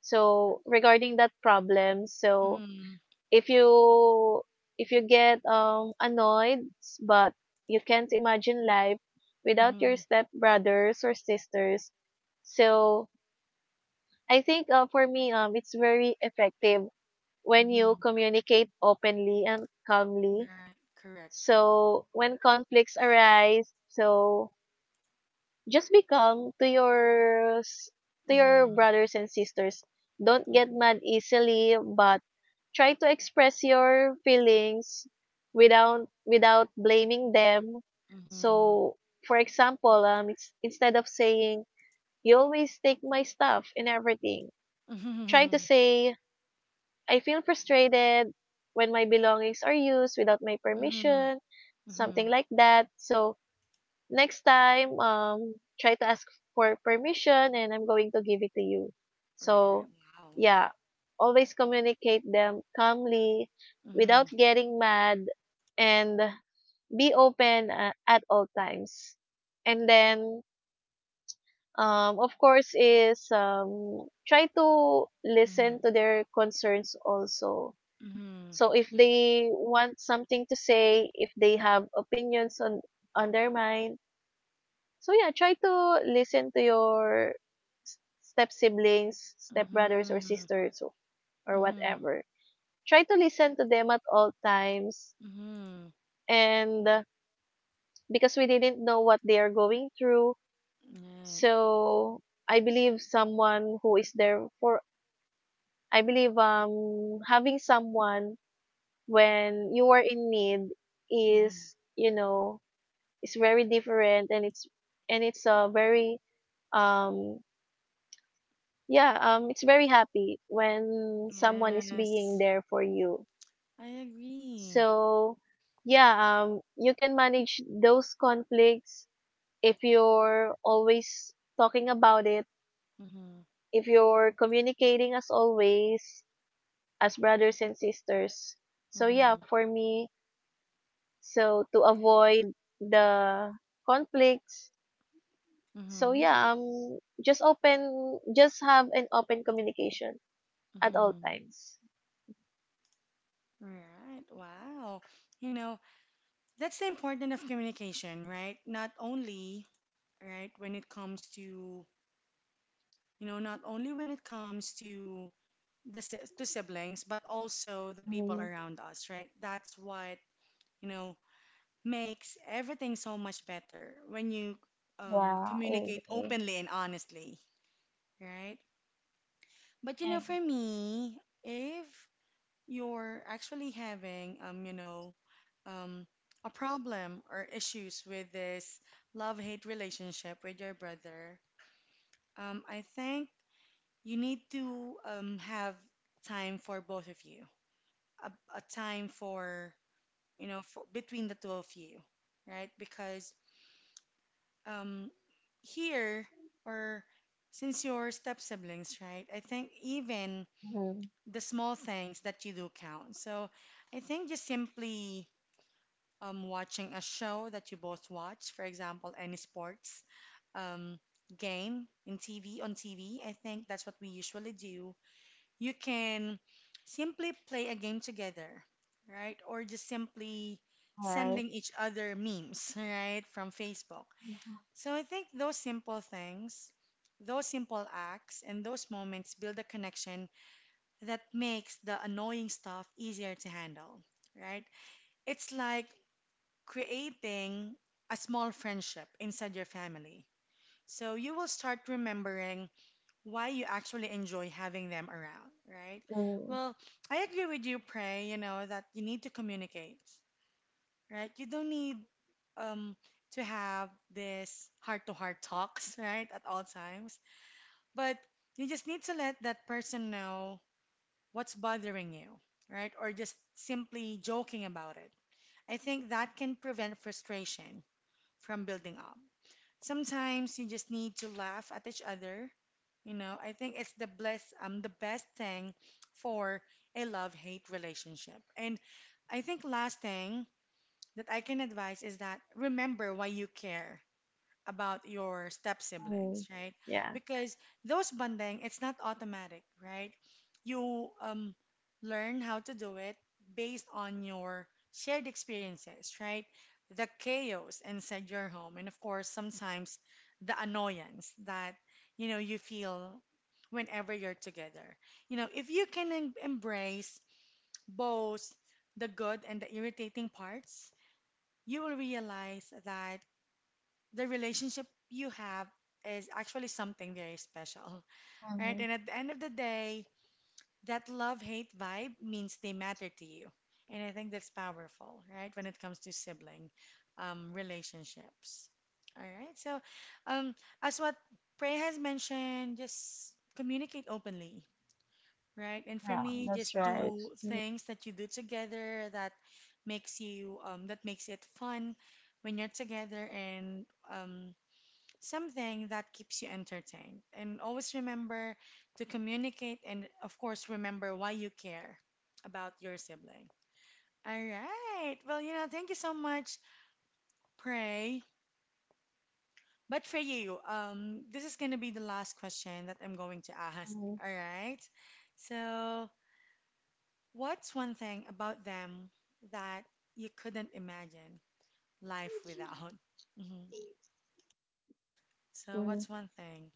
B: so regarding that problem, so
A: Mm-hmm.
B: if you if you get, annoyed, but you can't imagine life without your
A: Mm-hmm.
B: stepbrothers or sisters, so I think, for me, it's very effective when you
A: Mm-hmm.
B: communicate openly and calmly.
A: Right. Correct.
B: So when conflicts arise, so just be calm to to your
A: Mm-hmm.
B: brothers and sisters. Don't get
A: Mhm.
B: mad easily, but try to express your feelings without blaming them.
A: Mhm.
B: So for example, instead of saying you always take my stuff and everything, try to say I feel frustrated when my belongings are used without my
A: Mhm.
B: permission, something
A: Mhm.
B: like that. So next time, try to ask for permission and I'm going to give it to you.
A: Right.
B: So
A: Wow.
B: yeah, always communicate them calmly without
A: Mhm.
B: getting mad, and be open, at all times. And then, of course, is try to listen
A: Mhm.
B: to their concerns also.
A: Mhm.
B: So if they want something to say, if they have opinions on their mind, so yeah, try to listen to your step siblings, step brothers or
A: Mhm.
B: sisters, or
A: Mhm.
B: whatever. Try to listen to them at all times.
A: Mhm.
B: And because we didn't know what they are going through,
A: Yeah.
B: so I believe someone who is there for I believe, having someone when you are in need
A: Mhm.
B: is, is very different, and it's a very um yeah, it's very happy when someone is being
A: Yes,
B: there for you.
A: I agree.
B: So yeah, you can manage those conflicts if you're always talking about it,
A: Mhm.
B: if you're communicating as always as brothers and sisters. So yeah,
A: Mhm.
B: for me, so to avoid the conflicts. So
A: Mhm.
B: yeah, just open, just have an open communication at all
A: Mhm.
B: times.
A: Right. Wow. You know, that's the importance of communication, right? Not only, right, when it comes to, not only when it comes to to siblings, but also the people
B: Mm,
A: around us, right? That's what you know makes everything so much better when you
B: yeah, I
A: communicate
B: agree.
A: openly and honestly, right? But,
B: I agree.
A: for me, if you're actually having um, a problem or issues with this love-hate relationship with your brother, I think you need to have time for both of you, a time for, for, between the two of you, right? Because, um, here, or since you're step siblings, right? I think even
B: Mhm.
A: the small things that you do count. So I think just simply watching a show that you both watch, for example, any sports um, game in TV on TV. I think that's what we usually do. You can simply play a game together, right? Or just simply
B: All right.
A: sending each other memes, right, from Facebook.
B: Mhm.
A: So I think those simple things, those simple acts, and those moments build a connection that makes the annoying stuff easier to handle, right? It's like creating a small friendship inside your family. So you will start remembering why you actually enjoy having them around, right?
B: Mm,
A: Well, I agree with you, Prey, that you need to communicate, right? You don't need um to have this heart-to-heart talks, right, at all times. But you just need to let that person know what's bothering you, right? Or just simply joking about it. I think that can prevent frustration from building up. Sometimes you just need to laugh at each other. I think it's the best thing for a love-hate relationship. And I think last thing that I can advise is that remember why you care about your step siblings,
B: mm,
A: right?
B: yeah.
A: Because those bonding, it's not automatic, right? You learn how to do it based on your shared experiences, right? The chaos inside your home, and of course, sometimes the annoyance that you feel whenever you're together. If you can embrace both the good and the irritating parts, you will realize that the relationship you have is actually something very special, right?
B: Mhm.
A: And at the end of the day, that love hate vibe means they matter to you. And I think that's powerful, right? When it comes to sibling relationships. All right. So, um, as what Prey has mentioned, just communicate openly, right? And for
B: Yeah,
A: me,
B: that's
A: just
B: right.
A: do things that you do together that makes you that makes it fun when you're together and um, something that keeps you entertained. And always remember to communicate and, of course, remember why you care about your sibling. All right. Well, thank you so much, Pray. But for you, this is going to be the last question that I'm going to ask.
B: Mhm.
A: All right. So, what's one thing about them that you couldn't imagine life without? Hmm. So,
B: Mhm.
A: what's one thing,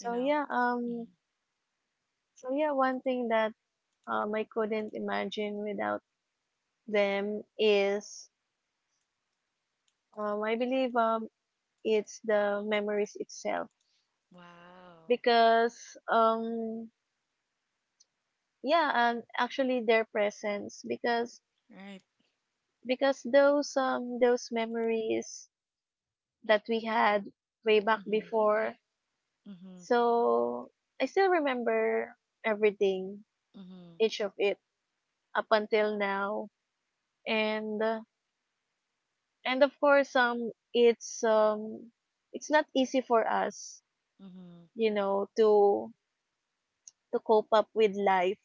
A: you know?
B: yeah,
A: Hmm.
B: so yeah, one thing that I couldn't imagine without them is, I believe, it's the memories itself.
A: Wow.
B: Because um yeah, and actually their presence, because
A: Right.
B: those memories that we had way back
A: Mm-hmm.
B: before.
A: Mhm,
B: So I still remember everything,
A: mhm,
B: each of it, up until now. And and of course it's not easy for us,
A: mhm,
B: you know, to cope up with life,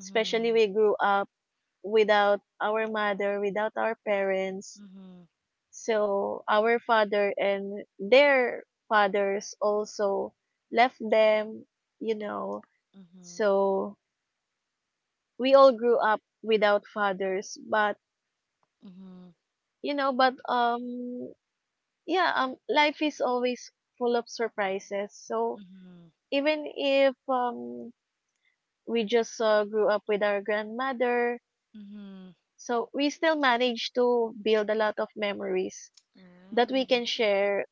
B: especially we grew up without our mother, without our parents.
A: mhm,
B: So our father and their fathers also left them, you know.
A: mhm,
B: So we all grew up without fathers, but
A: mhm,
B: you know, but yeah, life is always full of surprises. So
A: mhm,
B: even if we just grew up with our grandmother,
A: mhm.
B: so we still managed to build a lot of memories that we
A: Right.
B: can share,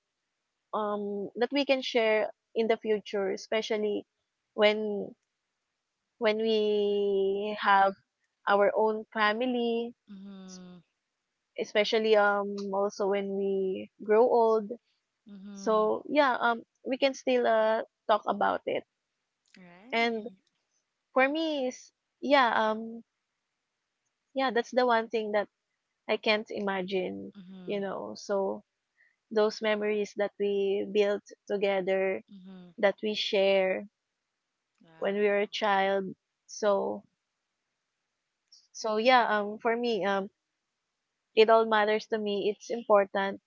B: um that we can share in the future, especially when when we have our own family,
A: Mhm,
B: especially also when we grow old.
A: mhm.
B: So yeah, we can still talk about it. And
A: Right.
B: for me is yeah, yeah, that's the one thing that I can't imagine, you
A: Mhm,
B: know. So those memories that we built together,
A: mhm.
B: that we share when we
A: Wow.
B: were a child. So so yeah, for me, it all matters to me. It's important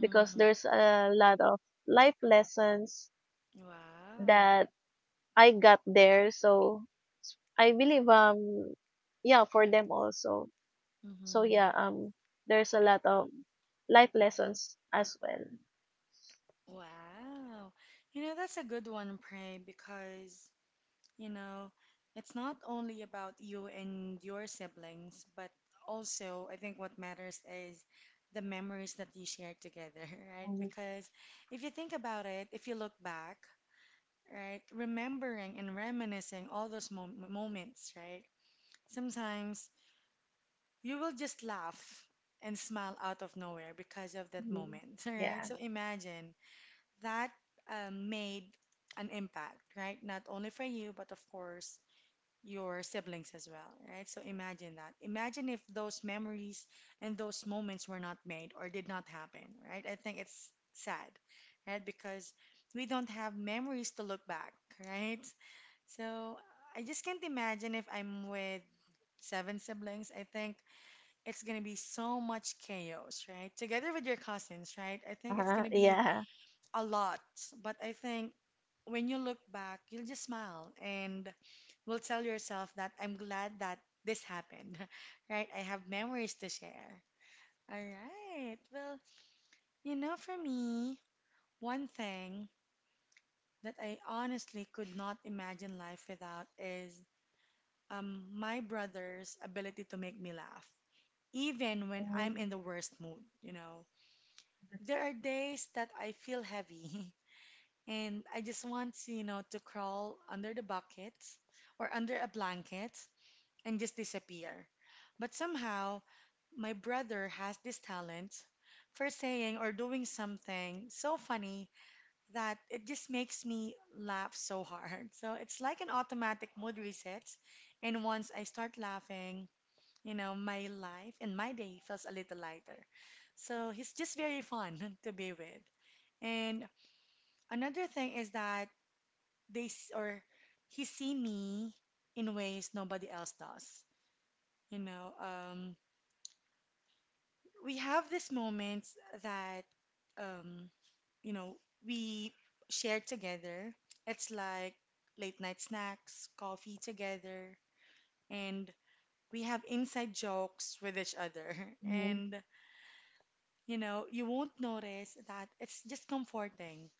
B: because there's a lot of life lessons
A: Wow.
B: that I got there. So I believe yeah, for them also. So
A: Mhm.
B: yeah, there's a lot of life lessons as well.
A: Wow. That's a good one, Pray, because, You know, it's not only about you and your siblings, but also I think what matters is the memories that you share together, right? Because if you think about it, if you look back, right, remembering and reminiscing all those moments, right? Sometimes you will just laugh and smile out of nowhere because of that moment, right? So imagine that made an impact, right? Not only for you, but of course your siblings as well, right? So imagine that. Imagine if those memories and those moments were not made or did not happen, right? I think it's sad, right? Because we don't have memories to look back, right? So I just can't imagine if I'm with seven siblings. I think it's gonna be so much chaos, right? Together with your cousins, right? I think it's gonna be
B: Yeah.
A: a lot. But I think when you look back, you'll just smile and will tell yourself that I'm glad that this happened, right? I have memories to share. All right. Well, for me, one thing that I honestly could not imagine life without is my brother's ability to make me laugh, even when I'm in the worst mood. There are days that I feel heavy, and I just want to, to crawl under the bucket or under a blanket and just disappear. But somehow, my brother has this talent for saying or doing something so funny that it just makes me laugh so hard. So it's like an automatic mood reset. And once I start laughing, my life and my day feels a little lighter. So he's just very fun to be with. And another thing is that they s- or he see me in ways nobody else does. You know, um, we have these moments that um, you know we share together. It's like late night snacks, coffee together, and we have inside jokes with each other.
B: Mhm,
A: And you won't notice that it's just comforting.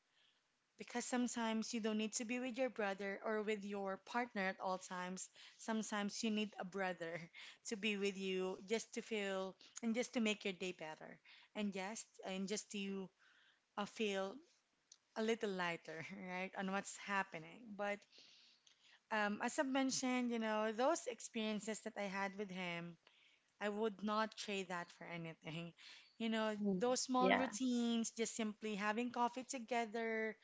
A: Because sometimes you don't need to be with your brother or with your partner at all times. Sometimes you need a brother to be with you just to feel and just to make your day better. And just to feel a little lighter, right, on what's happening. But as I've mentioned, those experiences that I had with him, I would not trade that for anything.
B: mm,
A: Those small
B: yeah,
A: routines, just simply having coffee together,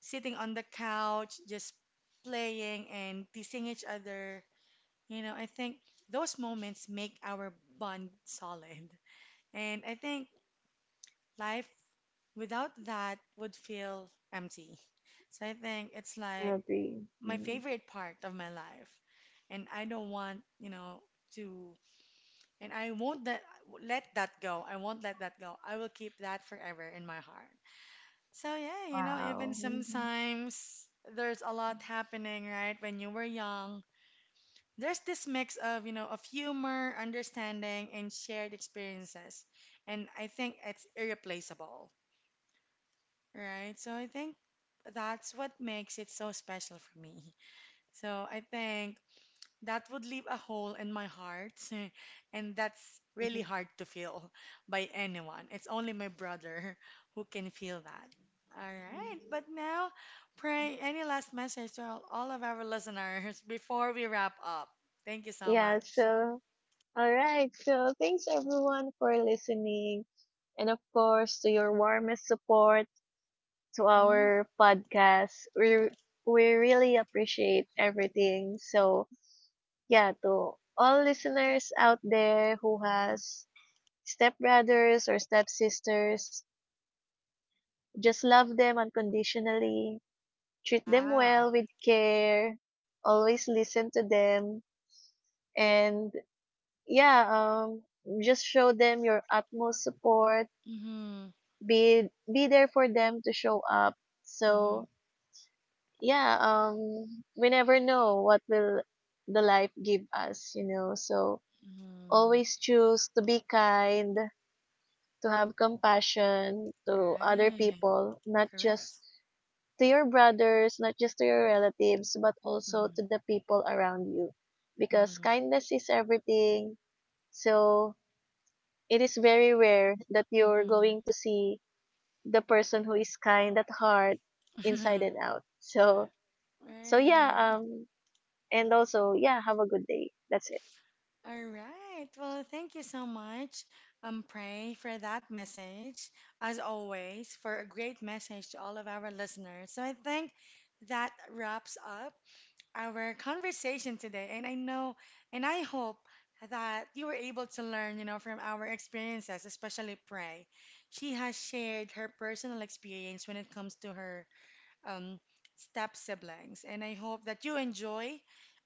A: sitting on the couch, just playing and teasing each other. I think those moments make our bond solid. And I think life without that would feel empty. So I think it's
B: I
A: like
B: agree.
A: my
B: Mm,
A: favorite part of my life. And I don't want, to, and I won't that, let that go. I won't let that go. I will keep that forever in my heart. So yeah, even
B: wow. Mhm.
A: sometimes there's a lot happening, right? When you were young, there's this mix of humor, understanding, and shared experiences. And I think it's irreplaceable, right? So I think that's what makes it so special for me. So I think that would leave a hole in my heart, and that's really
B: Mhm.
A: hard to feel by anyone. It's only my brother who can feel that. All right, but now, Pray, any last message to all of our listeners before we wrap up. Thank you so
B: Yeah,
A: much.
B: so, all right. So thanks everyone for listening. And of course, to your warmest support to
A: Mm-hmm.
B: our podcast. We really appreciate everything. So yeah, to all listeners out there who has stepbrothers or stepsisters, just love them unconditionally, treat them well
A: Wow.
B: with care, always listen to them, and yeah, just show them your utmost support.
A: Mm-hmm.
B: Be there for them, to show up.
A: Mm-hmm.
B: So yeah, we never know what will the life give us, you know. So
A: Mm-hmm.
B: always choose to be kind, to have compassion to other
A: Right.
B: people, not
A: Correct.
B: just to your brothers, not just to your relatives, but also
A: Mm-hmm.
B: to the people around you. Because
A: Mm-hmm.
B: kindness is everything. So it is very rare that you're going to see the person who is kind at heart inside
A: Mm-hmm.
B: and out. So so
A: Right.
B: yeah, and also yeah, have a good day. That's it.
A: All right. Well, thank you so much, Pray, for that message. As always, for a great message to all of our listeners. So I think that wraps up our conversation today. And I know, and I hope that you were able to learn, from our experiences, especially Pray. She has shared her personal experience when it comes to her um, step siblings. And I hope that you enjoy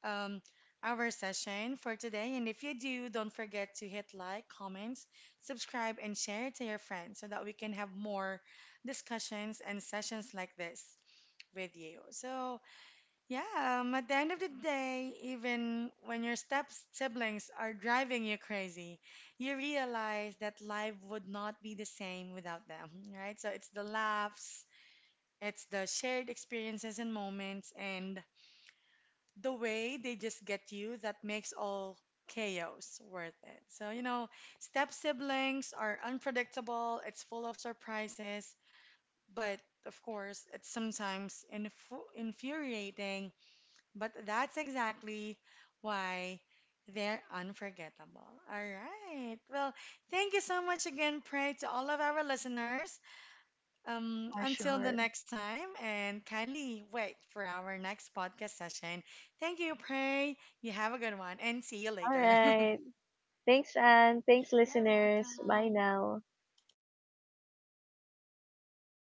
A: um, our session for today. And if you do, don't forget to hit like, comments, subscribe, and share it to your friends so that we can have more discussions and sessions like this with you. So, yeah, at the end of the day, even when your step siblings are driving you crazy, you realize that life would not be the same without them, right? So it's the laughs, it's the shared experiences and moments and the way they just get you that makes all chaos worth it. So, step siblings are unpredictable, it's full of surprises, but of course, it's sometimes infuriating, but that's exactly why they're unforgettable. All right. Well, thank you so much again, Pray, to all of our listeners.
B: For
A: Until the
B: sure.
A: next time, and kindly wait for our next podcast session. Thank you, Pray. You have a good one, and see you
B: All
A: later.
B: right. Thanks Anne. Thanks
A: You're
B: listeners. Bye
A: welcome.
B: now.